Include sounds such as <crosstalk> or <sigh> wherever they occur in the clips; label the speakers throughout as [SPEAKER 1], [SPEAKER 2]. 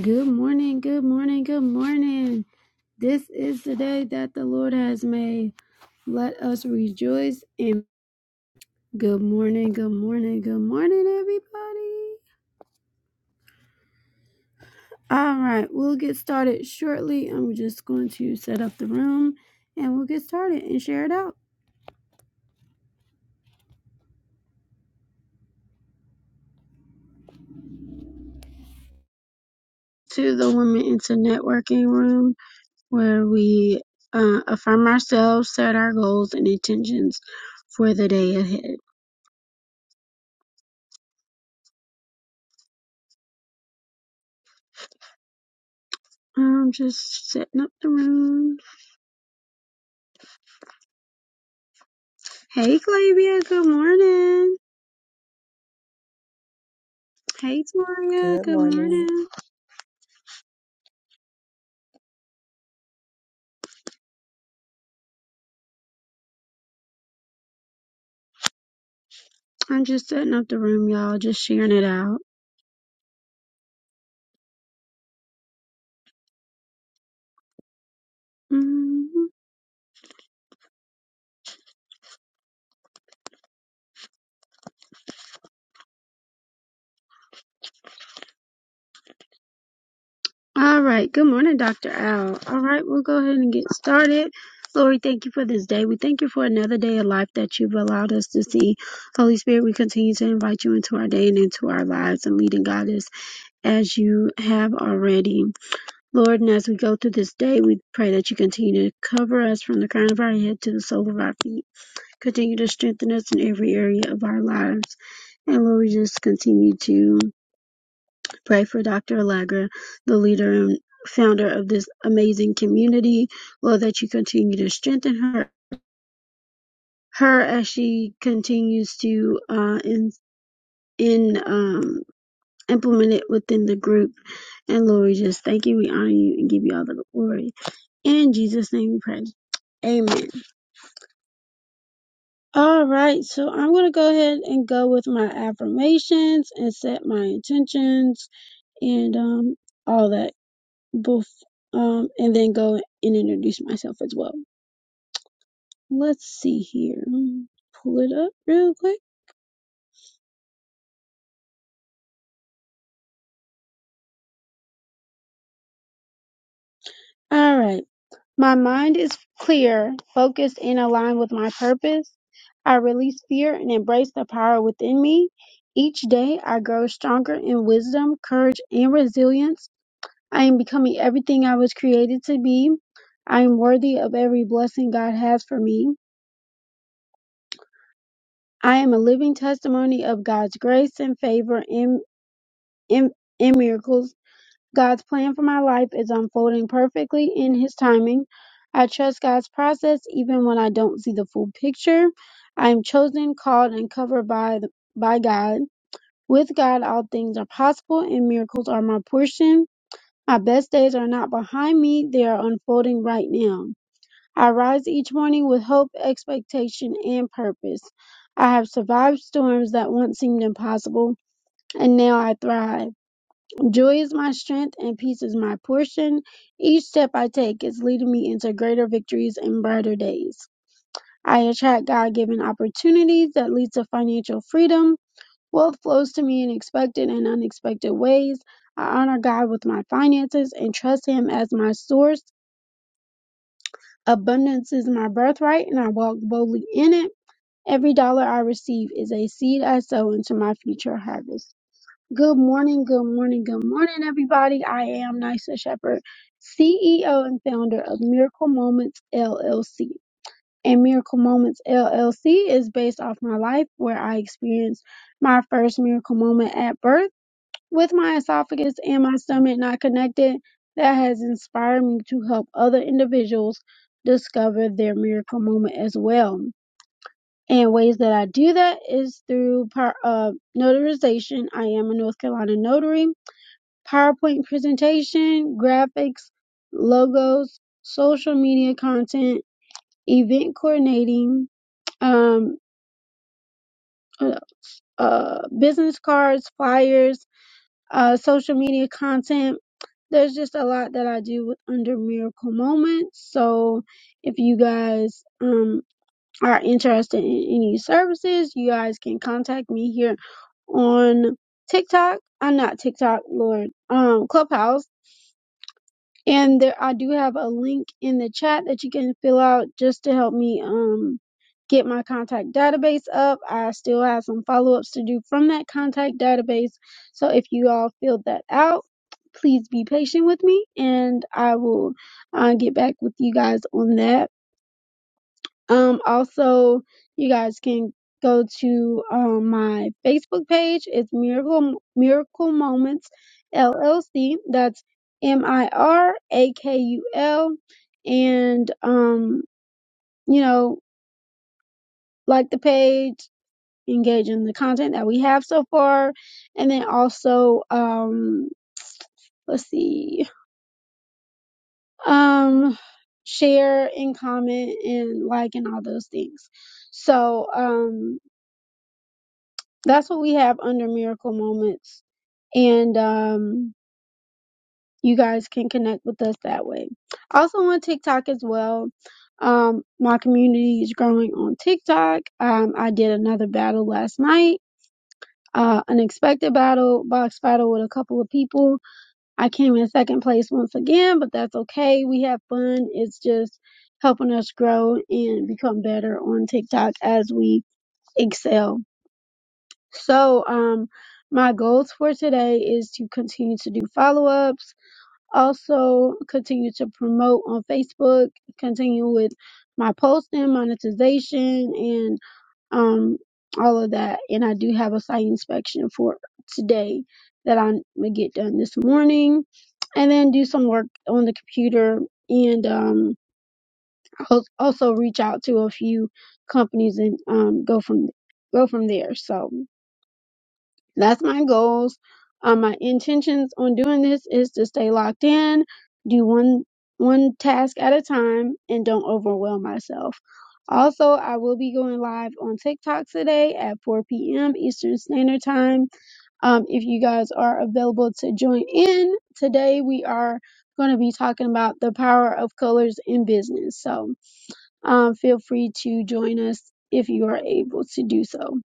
[SPEAKER 1] Good morning, good morning, good morning. This is the day that the Lord has made. Let us rejoice in good morning, good morning, good morning, everybody. All right, we'll get started shortly. I'm just going to set up the room and we'll get started and share it out to the Women into Networking room where we uh, affirm ourselves, set our goals and intentions for the day ahead. I'm just setting up the room. Hey, Clavia. Good morning. Hey, Toria.
[SPEAKER 2] Good
[SPEAKER 1] Good
[SPEAKER 2] morning.
[SPEAKER 1] morning. I'm just setting up the room, y'all. Just sharing it out. Mhm. All right. Good morning, Dr. Al. All right. We'll go ahead and get started. Lord, we thank you for this day. We thank you for another day of life that you've allowed us to see. Holy Spirit, we continue to invite you into our day and into our lives and leading God us as you have already. Lord, and as we go through this day, we pray that you continue to cover us from the crown of our head to the sole of our feet. continue to strengthen us in every area of our lives. And Lord, we just continue to pray for Dr. Allegra, the leader and founder of this amazing community. Lord, that you continue to strengthen her, her as she continues to uh, in in um, implement it within the group. And Lord, we just thank you, we honor you, and give you all the glory. In Jesus' name, we pray. Amen. All right, so I'm going to go ahead and go with my affirmations and set my intentions and um all that bef- um and then go and introduce myself as well. Let's see here. Mm, Pull it up real quick. All right. My mind is clear, focused and aligned with my purpose. I release fear and embrace the power within me. Each day I grow stronger in wisdom, courage and resilience. I am becoming everything I was created to be. I am worthy of every blessing God has for me. I am a living testimony of God's grace and favor in, in, in miracles. God's plan for my life is unfolding perfectly in His timing. I trust God's process even when I don't see the full picture. I am chosen, called, and covered by, the- by God. With God, all things are possible and miracles are my portion. My best days are not behind me, they are unfolding right now. I rise each morning with hope, expectation, and purpose. I have survived storms that once seemed impossible, and now I thrive. Joy is my strength, and peace is my portion. Each step I take is leading me into greater victories and brighter days. I attract God given opportunities that lead to financial freedom. Wealth flows to me in expected and unexpected ways. I honor God with my finances and trust Him as my source. Abundance is my birthright, and I walk boldly in it. Every dollar I receive is a seed I sow into my future harvest. Good morning, good morning, good morning, everybody. I am Nysa Shepherd, CEO and founder of Miracle Moments LLC. And Miracle Moments LLC is based off my life where I experienced my first miracle moment at birth with my esophagus and my stomach not connected. That has inspired me to help other individuals discover their miracle moment as well. And ways that I do that is through power, uh, notarization. I am a North Carolina notary. PowerPoint presentation, graphics, logos, social media content, event coordinating, um, uh, uh, business cards, flyers, uh, social media content. There's just a lot that I do with under Miracle Moments. So if you guys, um, are interested in any services, you guys can contact me here on TikTok. I'm not TikTok, Lord, um, Clubhouse. And there, I do have a link in the chat that you can fill out just to help me, um, get my contact database up. I still have some follow ups to do from that contact database. So if you all filled that out, please be patient with me and I will uh, get back with you guys on that. Um, also, you guys can go to um, my Facebook page. It's Miracle Miracle Moments LLC. That's M I R A K U L, and um, you know, like the page, engage in the content that we have so far, and then also um, let's see, um, share and comment and like and all those things. So, um that's what we have under miracle moments and um you guys can connect with us that way also on tiktok as well um my community is growing on tiktok um i did another battle last night uh unexpected battle box battle with a couple of people i came in second place once again but that's okay we have fun it's just helping us grow and become better on tiktok as we excel So, um, my goals for today is to continue to do follow ups, also continue to promote on Facebook, continue with my posting, monetization, and um, all of that. And I do have a site inspection for today that I'm gonna get done this morning, and then do some work on the computer and um, al- also reach out to a few companies and um, go from go from there. So. That's my goals. Um, my intentions on doing this is to stay locked in, do one one task at a time, and don't overwhelm myself. Also, I will be going live on TikTok today at 4 p.m. Eastern Standard Time. Um, if you guys are available to join in, today we are going to be talking about the power of colors in business. So um, feel free to join us if you are able to do so.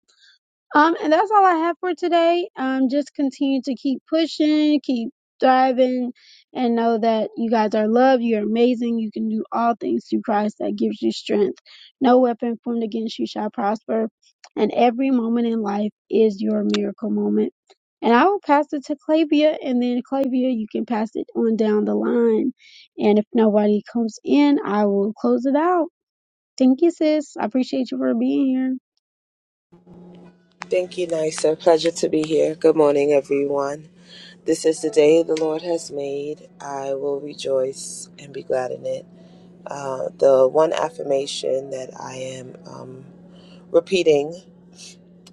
[SPEAKER 1] Um, and that's all I have for today. Um, just continue to keep pushing, keep thriving, and know that you guys are loved. You're amazing. You can do all things through Christ that gives you strength. No weapon formed against you shall prosper. And every moment in life is your miracle moment. And I will pass it to Clavia, and then Clavia, you can pass it on down the line. And if nobody comes in, I will close it out. Thank you, sis. I appreciate you for being here.
[SPEAKER 2] Thank you, Nisa. Pleasure to be here. Good morning, everyone. This is the day the Lord has made. I will rejoice and be glad in it. Uh, the one affirmation that I am um, repeating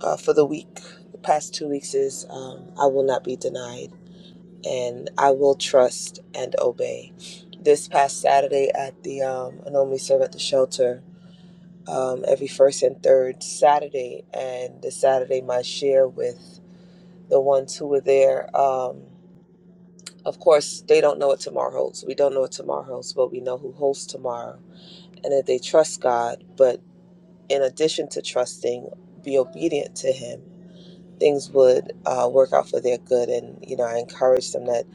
[SPEAKER 2] uh, for the week, the past two weeks, is um, I will not be denied and I will trust and obey. This past Saturday at the, um, I normally serve at the shelter um, every first and third Saturday, and the Saturday, my share with the ones who were there. Um, of course, they don't know what tomorrow holds. We don't know what tomorrow holds, but we know who holds tomorrow. And that they trust God, but in addition to trusting, be obedient to Him, things would uh, work out for their good. And, you know, I encourage them that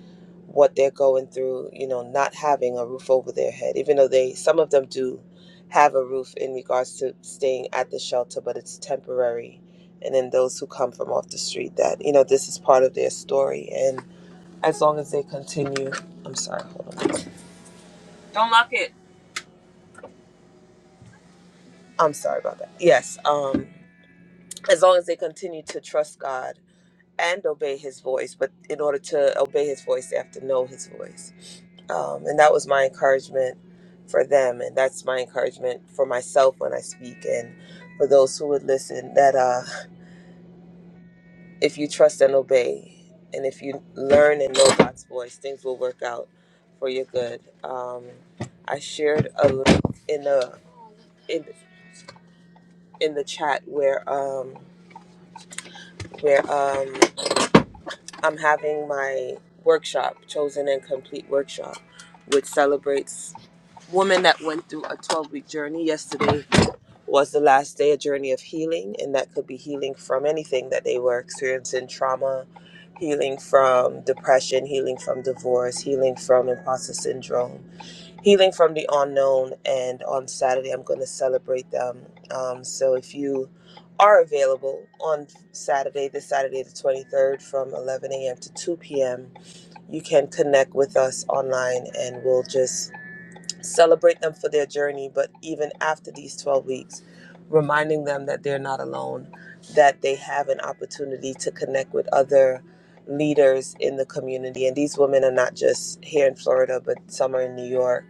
[SPEAKER 2] what they're going through, you know, not having a roof over their head, even though they, some of them do have a roof in regards to staying at the shelter, but it's temporary. And then those who come from off the street, that, you know, this is part of their story. and as long as they continue. I'm sorry, hold on. Don't lock it. I'm sorry about that. Yes, um, as long as they continue to trust God and obey His voice, but in order to obey His voice, they have to know His voice. Um, and that was my encouragement for them, and that's my encouragement for myself when I speak, and for those who would listen. That uh, if you trust and obey, and if you learn and know God's voice, things will work out for your good. Um, I shared a link in the. in the chat where um where um I'm having my workshop, chosen and complete workshop, which celebrates women that went through a 12 week journey. Yesterday was the last day, a journey of healing, and that could be healing from anything that they were experiencing trauma, healing from depression, healing from divorce, healing from imposter syndrome Healing from the Unknown, and on Saturday I'm going to celebrate them. Um, so if you are available on Saturday, this Saturday the 23rd from 11 a.m. to 2 p.m., you can connect with us online and we'll just celebrate them for their journey. But even after these 12 weeks, reminding them that they're not alone, that they have an opportunity to connect with other leaders in the community. And these women are not just here in Florida, but some are in New York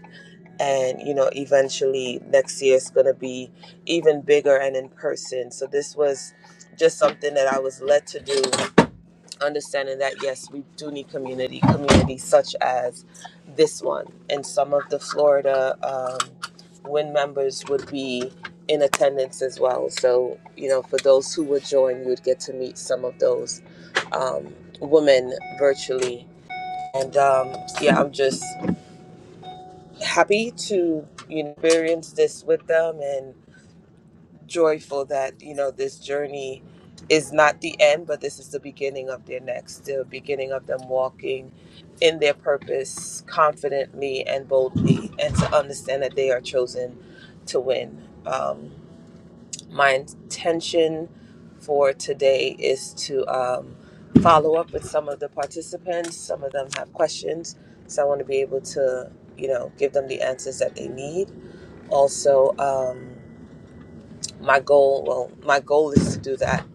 [SPEAKER 2] and you know eventually next year it's going to be even bigger and in person so this was just something that i was led to do understanding that yes we do need community communities such as this one and some of the florida um, win members would be in attendance as well so you know for those who would join you would get to meet some of those um, women virtually and um, yeah i'm just happy to you know, experience this with them and joyful that you know this journey is not the end but this is the beginning of their next the beginning of them walking in their purpose confidently and boldly and to understand that they are chosen to win um, my intention for today is to um, follow up with some of the participants some of them have questions so i want to be able to you know give them the answers that they need also um, my goal well my goal is to do that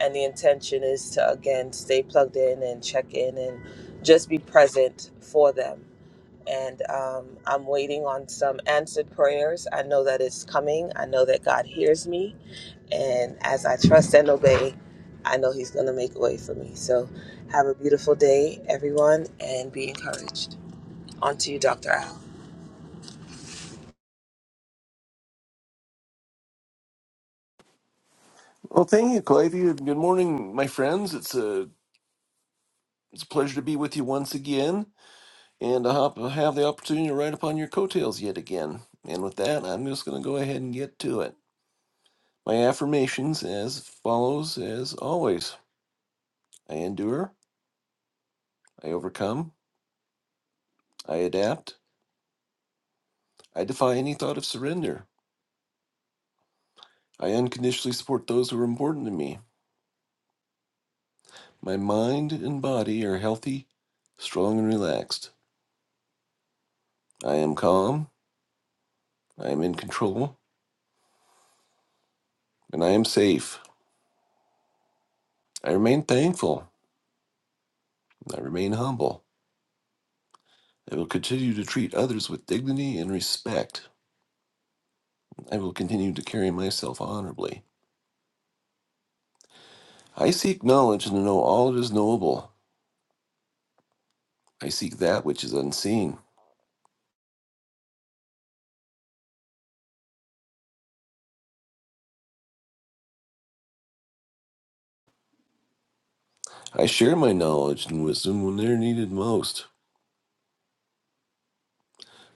[SPEAKER 2] and the intention is to again stay plugged in and check in and just be present for them and um, i'm waiting on some answered prayers i know that it's coming i know that god hears me and as i trust and obey i know he's going to make a way for me so have a beautiful day everyone and be encouraged on to you dr al
[SPEAKER 3] Well, thank you, Clivey. and Good morning, my friends. It's a it's a pleasure to be with you once again, and I hop- have the opportunity to ride upon your coattails yet again. And with that, I'm just going to go ahead and get to it. My affirmations as follows, as always: I endure, I overcome, I adapt, I defy any thought of surrender. I unconditionally support those who are important to me. My mind and body are healthy, strong, and relaxed. I am calm. I am in control, and I am safe. I remain thankful. I remain humble. I will continue to treat others with dignity and respect. I will continue to carry myself honorably. I seek knowledge and to know all that is knowable. I seek that which is unseen. I share my knowledge and wisdom when they are needed most.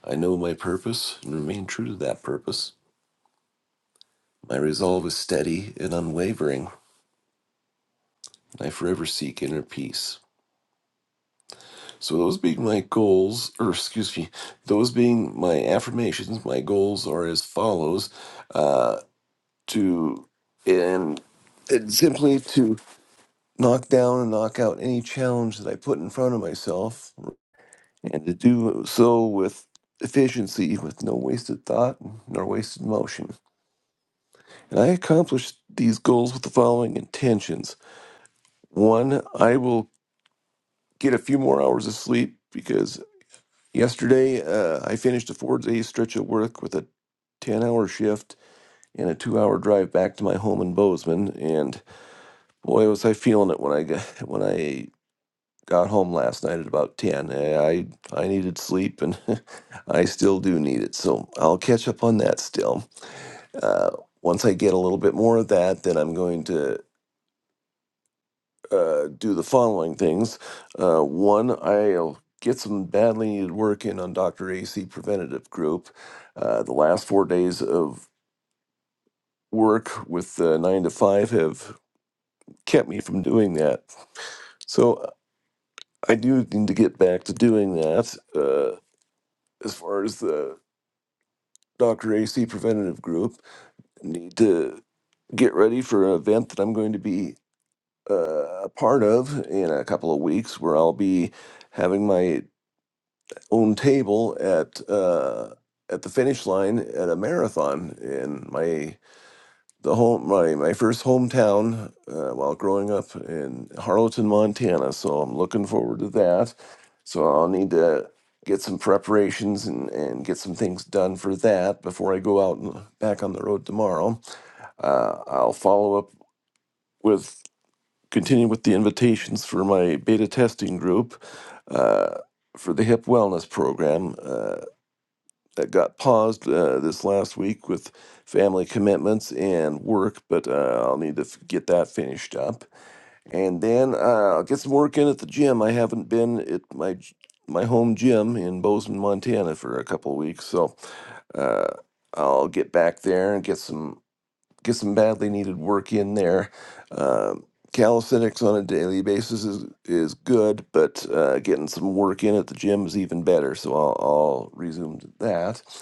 [SPEAKER 3] I know my purpose and remain true to that purpose. My resolve is steady and unwavering. I forever seek inner peace. So those being my goals, or excuse me, those being my affirmations, my goals are as follows: uh, to and and simply to knock down and knock out any challenge that I put in front of myself, and to do so with efficiency, with no wasted thought nor wasted motion. And I accomplished these goals with the following intentions: one, I will get a few more hours of sleep because Yesterday, uh, I finished a four day stretch of work with a 10 hour shift and a two hour drive back to my home in Bozeman. And boy, was I feeling it when I got, <laughs> when I got home last night at about 10. Eh, I, I needed sleep and <laughs> I still do need it. So I'll catch up on that still. Uh, once I get a little bit more of that, then I'm going to. uh, do the following things. Uh, one, I'll get some badly needed work in on Dr. AC Preventative Group. Uh, the last four days of work with uh, nine to five have kept me from doing that. So I do need to get back to doing that. Uh, as far as the Dr. AC Preventative Group, I need to get ready for an event that I'm going to be uh, a part of in a couple of weeks where I'll be having my own table at uh, at the finish line at a marathon in my the home my my first hometown uh, while growing up in Harleton, Montana. So I'm looking forward to that. So I'll need to get some preparations and, and get some things done for that before I go out and back on the road tomorrow. Uh, I'll follow up with continue with the invitations for my beta testing group. Uh, for the hip wellness program. Uh, that got paused uh, this last week with family commitments and work, but uh, I'll need to f- get that finished up. And then uh, I'll get some work in at the gym. I haven't been at my g- my home gym in Bozeman, Montana for a couple of weeks, so uh, I'll get back there and get some get some badly needed work in there. Um calisthenics on a daily basis is is good, but uh, getting some work in at the gym is even better. So I'll, I'll resume that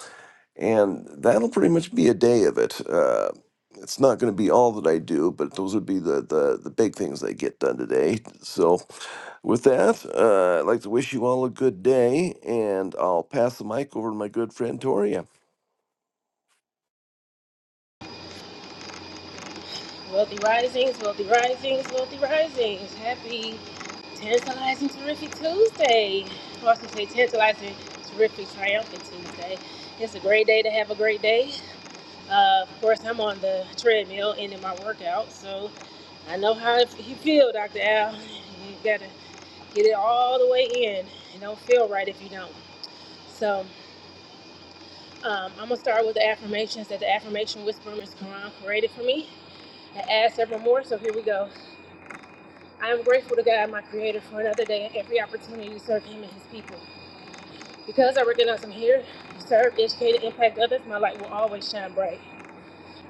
[SPEAKER 3] and that'll pretty much be a day of it. Uh, it's not going to be all that I do, but those would be the, the, the big things that get done today. So, with that, uh, I'd like to wish you all a good day, and I'll pass the mic over to my good friend Tori.
[SPEAKER 4] Wealthy Risings, Wealthy Risings, Wealthy Risings. Happy tantalizing, terrific Tuesday. I was going to say tantalizing, terrific, triumphant Tuesday. It's a great day to have a great day. Uh, of course, I'm on the treadmill ending my workout, so I know how you feel, Dr. Al. You gotta get it all the way in. It don't feel right if you don't. So um, I'm gonna start with the affirmations that the affirmation whisperer Miss Quran created for me. I asked several more, so here we go. I am grateful to God, my Creator, for another day and every opportunity to serve Him and His people. Because I recognize I'm here to serve, educate, and impact others, my light will always shine bright.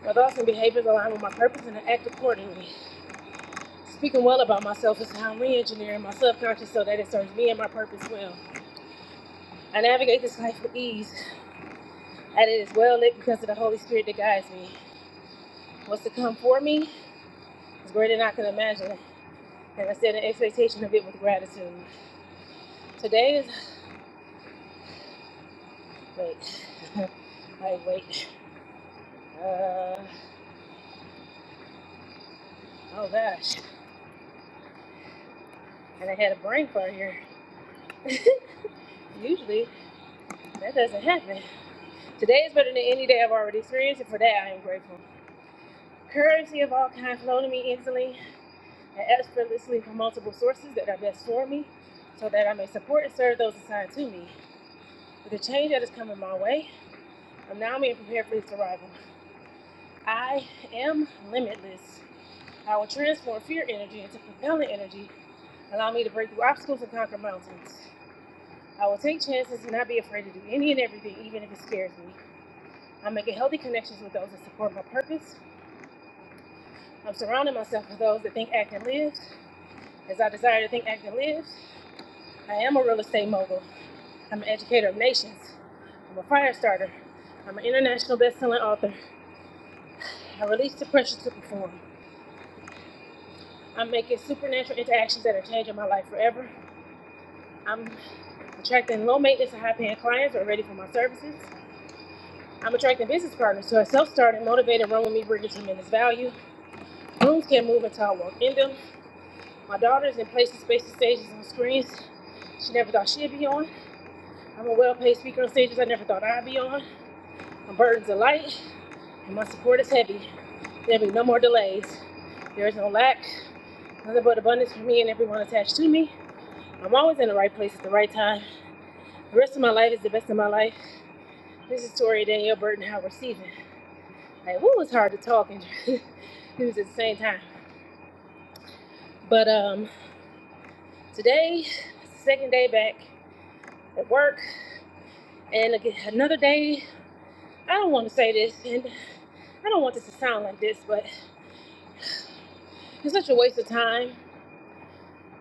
[SPEAKER 4] My thoughts and behaviors align with my purpose and I act accordingly. Speaking well about myself is how I'm re engineering my subconscious so that it serves me and my purpose well. I navigate this life with ease, and it is well lit because of the Holy Spirit that guides me. What's to come for me is greater than I can imagine, and I set an expectation of it with gratitude. Today is. Wait. <laughs> like, wait. Uh, oh gosh. And I had a brain fart here. <laughs> Usually that doesn't happen. Today is better than any day I've already experienced, and for that I am grateful. Currency of all kinds flow to me instantly and effortlessly from multiple sources that are best for me, so that I may support and serve those assigned to me. With the change that is coming my way, I'm now being prepared for its arrival. I am limitless. I will transform fear energy into propellant energy, allow me to break through obstacles and conquer mountains. I will take chances and not be afraid to do any and everything, even if it scares me. I'm making healthy connections with those that support my purpose. I'm surrounding myself with those that think, act, and live as I desire to think, act, and live. I am a real estate mogul. I'm an educator of nations. I'm a fire starter. I'm an international best-selling author. I release the pressure to perform. I'm making supernatural interactions that are changing my life forever. I'm attracting low-maintenance and high-paying clients who are ready for my services. I'm attracting business partners who are self-starting, motivated, run with me, bringing tremendous value. Rooms can't move until I walk in them. My daughter's in places, spaces, stages, and screens she never thought she'd be on. I'm a well-paid speaker on stages I never thought I'd be on. My burdens are light, and my support is heavy. There'll be no more delays. There is no lack, nothing but abundance for me and everyone attached to me. I'm always in the right place at the right time. The rest of my life is the best of my life. This is Tori Danielle Burton Howard Stephen. Like, woo, it's hard to talk and <laughs> do at the same time. But um, today, second day back at work. And again, another day, I don't want to say this, and I don't want this to sound like this, but it's such a waste of time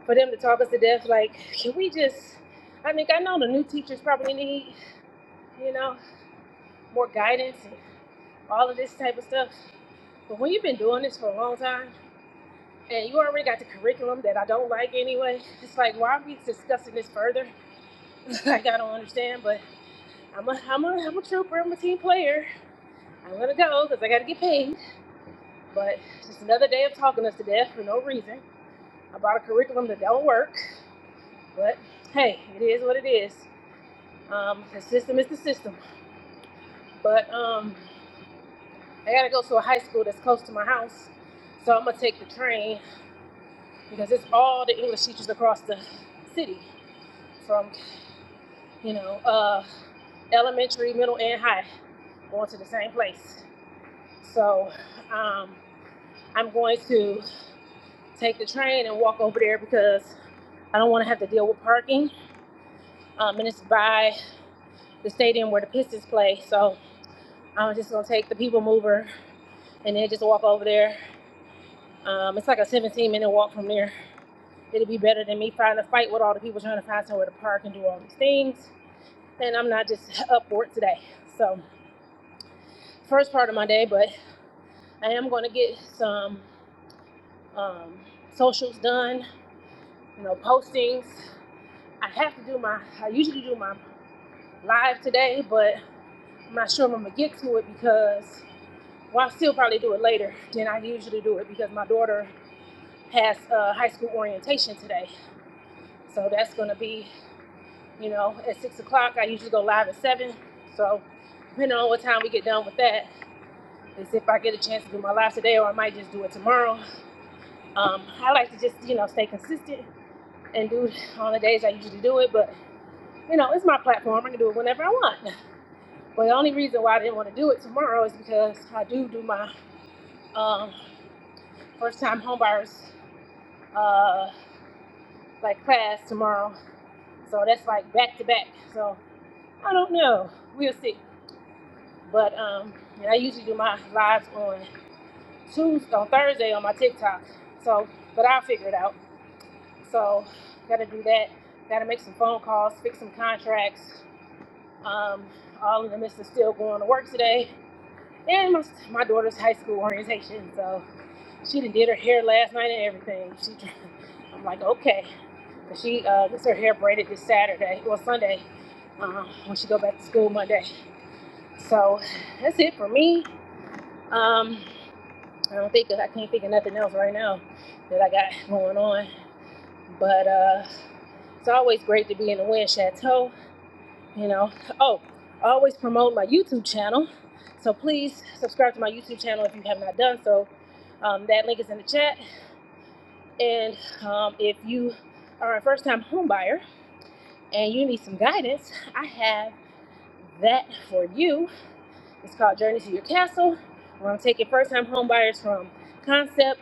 [SPEAKER 4] for them to talk us to death. Like, can we just, I mean, I know the new teachers probably need, you know, more guidance and all of this type of stuff. But when you've been doing this for a long time, and you already got the curriculum that I don't like anyway, it's like, why are we discussing this further? <laughs> like, I don't understand, but I'm a, I'm a, I'm a trooper, I'm a team player. I'm gonna go because I gotta get paid But just another day of talking us to death for no reason about a curriculum that don't work. But hey, it is what it is. Um, the system is the system. But um, I gotta go to a high school that's close to my house, so I'm gonna take the train because it's all the English teachers across the city, from you know uh, elementary, middle, and high, going to the same place. So um, I'm going to take the train and walk over there because I don't want to have to deal with parking um, and it's by the stadium where the Pistons play. So I'm just gonna take the people mover and then just walk over there. Um, it's like a 17 minute walk from there. It'll be better than me trying to fight with all the people trying to find somewhere to park and do all these things. And I'm not just <laughs> up for it today. So first part of my day, but I am gonna get some um, socials done. You know, postings. I have to do my. I usually do my live today, but I'm not sure if I'm gonna get to it because Well, I still probably do it later than I usually do it because my daughter has uh, high school orientation today. So that's going to be, you know, at six o'clock. I usually go live at seven. So depending on what time we get done with that, is if I get a chance to do my live today or I might just do it tomorrow. Um, I like to just, you know, stay consistent and do it on the days I usually do it. But, you know, it's my platform. I can do it whenever I want. But the only reason why I didn't want to do it tomorrow is because I do do my um, first time homebuyers. uh, like class tomorrow. So that's like back to back. So I don't know. We'll see. But um, and I usually do my lives on Tuesday, on Thursday on my TikTok. So, but I'll figure it out. So, gotta do that. Gotta make some phone calls, fix some contracts. Um, all in the midst of still going to work today, and my, my daughter's high school orientation. So, She done did her hair last night and everything. She, <laughs> I'm like, okay. she uh, gets her hair braided this Saturday or Sunday um, when she go back to school Monday. So that's it for me. Um, I don't think I can't think of nothing else right now that I got going on. But uh, it's always great to be in the Wind Chateau. You know. Oh, I always promote my YouTube channel. So please subscribe to my YouTube channel if you have not done so. Um, that link is in the chat. And um, if you are a first time home buyer and you need some guidance, I have that for you. It's called Journey to Your Castle, We're gonna take your first time home buyers from concept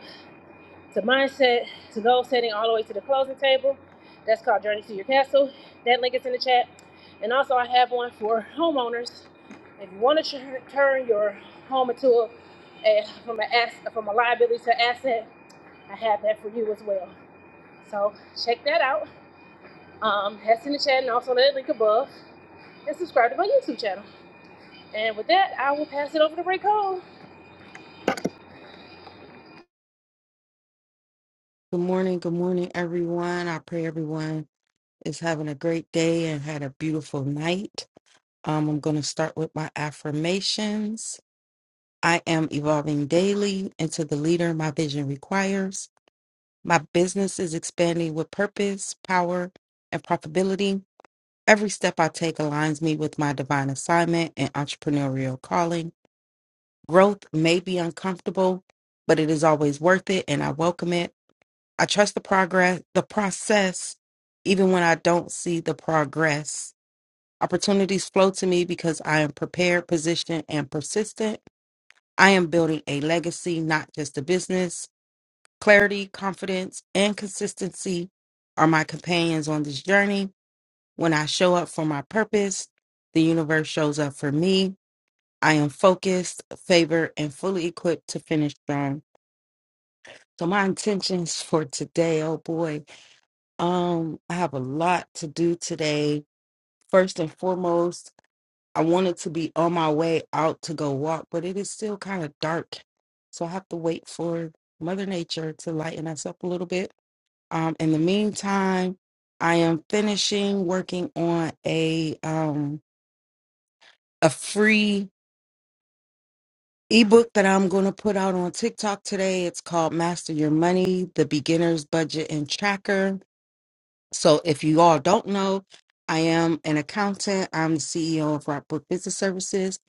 [SPEAKER 4] to mindset to goal setting all the way to the closing table. That's called Journey to Your Castle. That link is in the chat. And also, I have one for homeowners. If you want to tur- turn your home into a, a from a ass, from a liability to asset, I have that for you as well. So check that out Um, that's in the chat and also that link above and subscribe to my YouTube channel. And with that, I will pass it over to Ray Cole.
[SPEAKER 5] Good morning. Good morning, everyone. I pray everyone is having a great day and had a beautiful night. Um, I'm going to start with my affirmations. I am evolving daily into the leader my vision requires. My business is expanding with purpose, power, and profitability. Every step I take aligns me with my divine assignment and entrepreneurial calling. Growth may be uncomfortable, but it is always worth it, and I welcome it. I trust the progress, the process, even when I don't see the progress. Opportunities flow to me because I am prepared, positioned, and persistent. I am building a legacy, not just a business. Clarity, confidence, and consistency are my companions on this journey. When I show up for my purpose, the universe shows up for me. I am focused, favored, and fully equipped to finish strong. So, my intentions for today, oh boy, Um, I have a lot to do today. First and foremost, I wanted to be on my way out to go walk, but it is still kind of dark. So I have to wait for Mother Nature to lighten us up a little bit. Um, in the meantime, I am finishing working on a um a free ebook that I'm going to put out on TikTok today. It's called Master Your Money: The Beginner's Budget and Tracker So if you all don't know, I am an accountant. I'm the CEO of Rockbrook Business Services,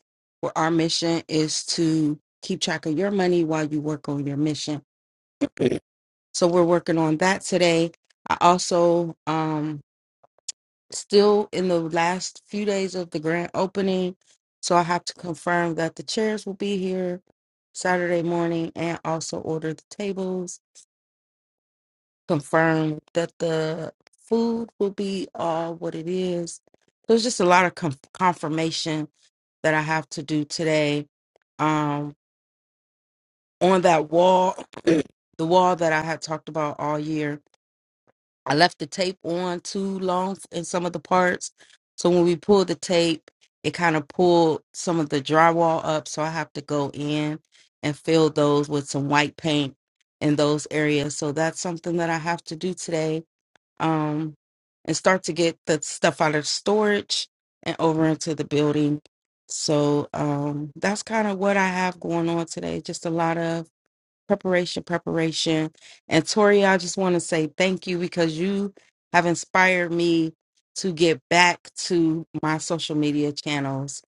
[SPEAKER 5] where our mission is to keep track of your money while you work on your mission. So we're working on that today. I also um still in the last few days of the grand opening, so I have to confirm that the chairs will be here Saturday morning and also order the tables confirmed that the food will be all what it is. There's just a lot of com- confirmation that I have to do today. Um, on that wall, <clears throat> the wall that I had talked about all year, I left the tape on too long in some of the parts. So when we pulled the tape, it kind of pulled some of the drywall up. So I have to go in and fill those with some white paint in those areas. So that's something that I have to do today um, and start to get the stuff out of storage and over into the building. So um, that's kind of what I have going on today. Just a lot of preparation, preparation. And Tori, I just want to say thank you because you have inspired me to get back to my social media channels.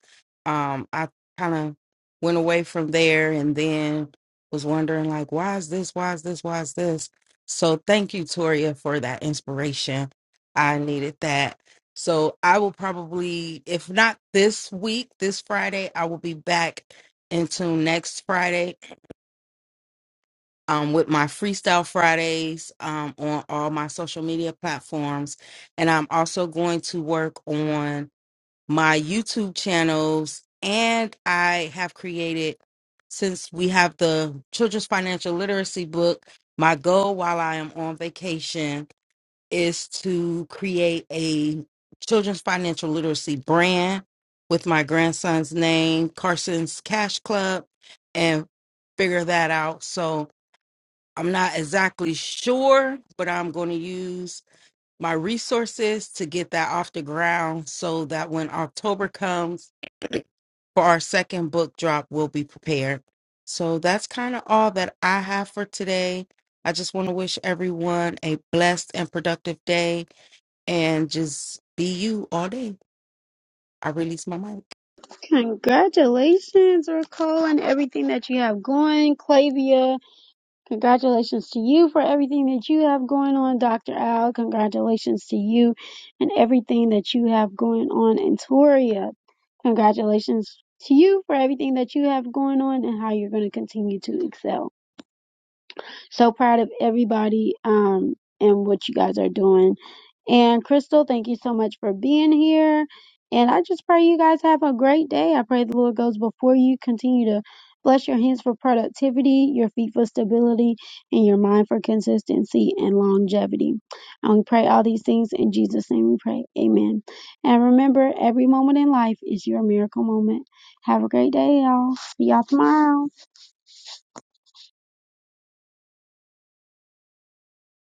[SPEAKER 5] Um, I kind of went away from there and then was wondering like, why is this? Why is this? Why is this? So thank you, Toria, for that inspiration. I needed that. So I will probably, if not this week, this Friday, I will be back until next Friday um, with my Freestyle Fridays um, on all my social media platforms. And I'm also going to work on my YouTube channels. And I have created, since we have the Children's Financial Literacy book, my goal while I am on vacation is to create a children's financial literacy brand with my grandson's name, Carson's Cash Club, and figure that out. So, I'm not exactly sure, but I'm going to use my resources to get that off the ground so that when October comes for our second book drop, we'll be prepared. So that's kind of all that I have for today. I just want to wish everyone a blessed and productive day and just be you all day. I release my mic.
[SPEAKER 1] Congratulations, Raquel, and everything that you have going. Clavia, congratulations to you for everything that you have going on. Dr. Al, congratulations to you and everything that you have going on. And Toria, congratulations to you for everything that you have going on and how you're going to continue to excel. So proud of everybody um, and what you guys are doing. And Crystal, thank you so much for being here. And I just pray you guys have a great day. I pray the Lord goes before you. Continue to bless your hands for productivity, your feet for stability, and your mind for consistency and longevity. And we pray all these things in Jesus' name we pray. Amen. And remember, every moment in life is your miracle moment. Have a great day, y'all. See y'all tomorrow.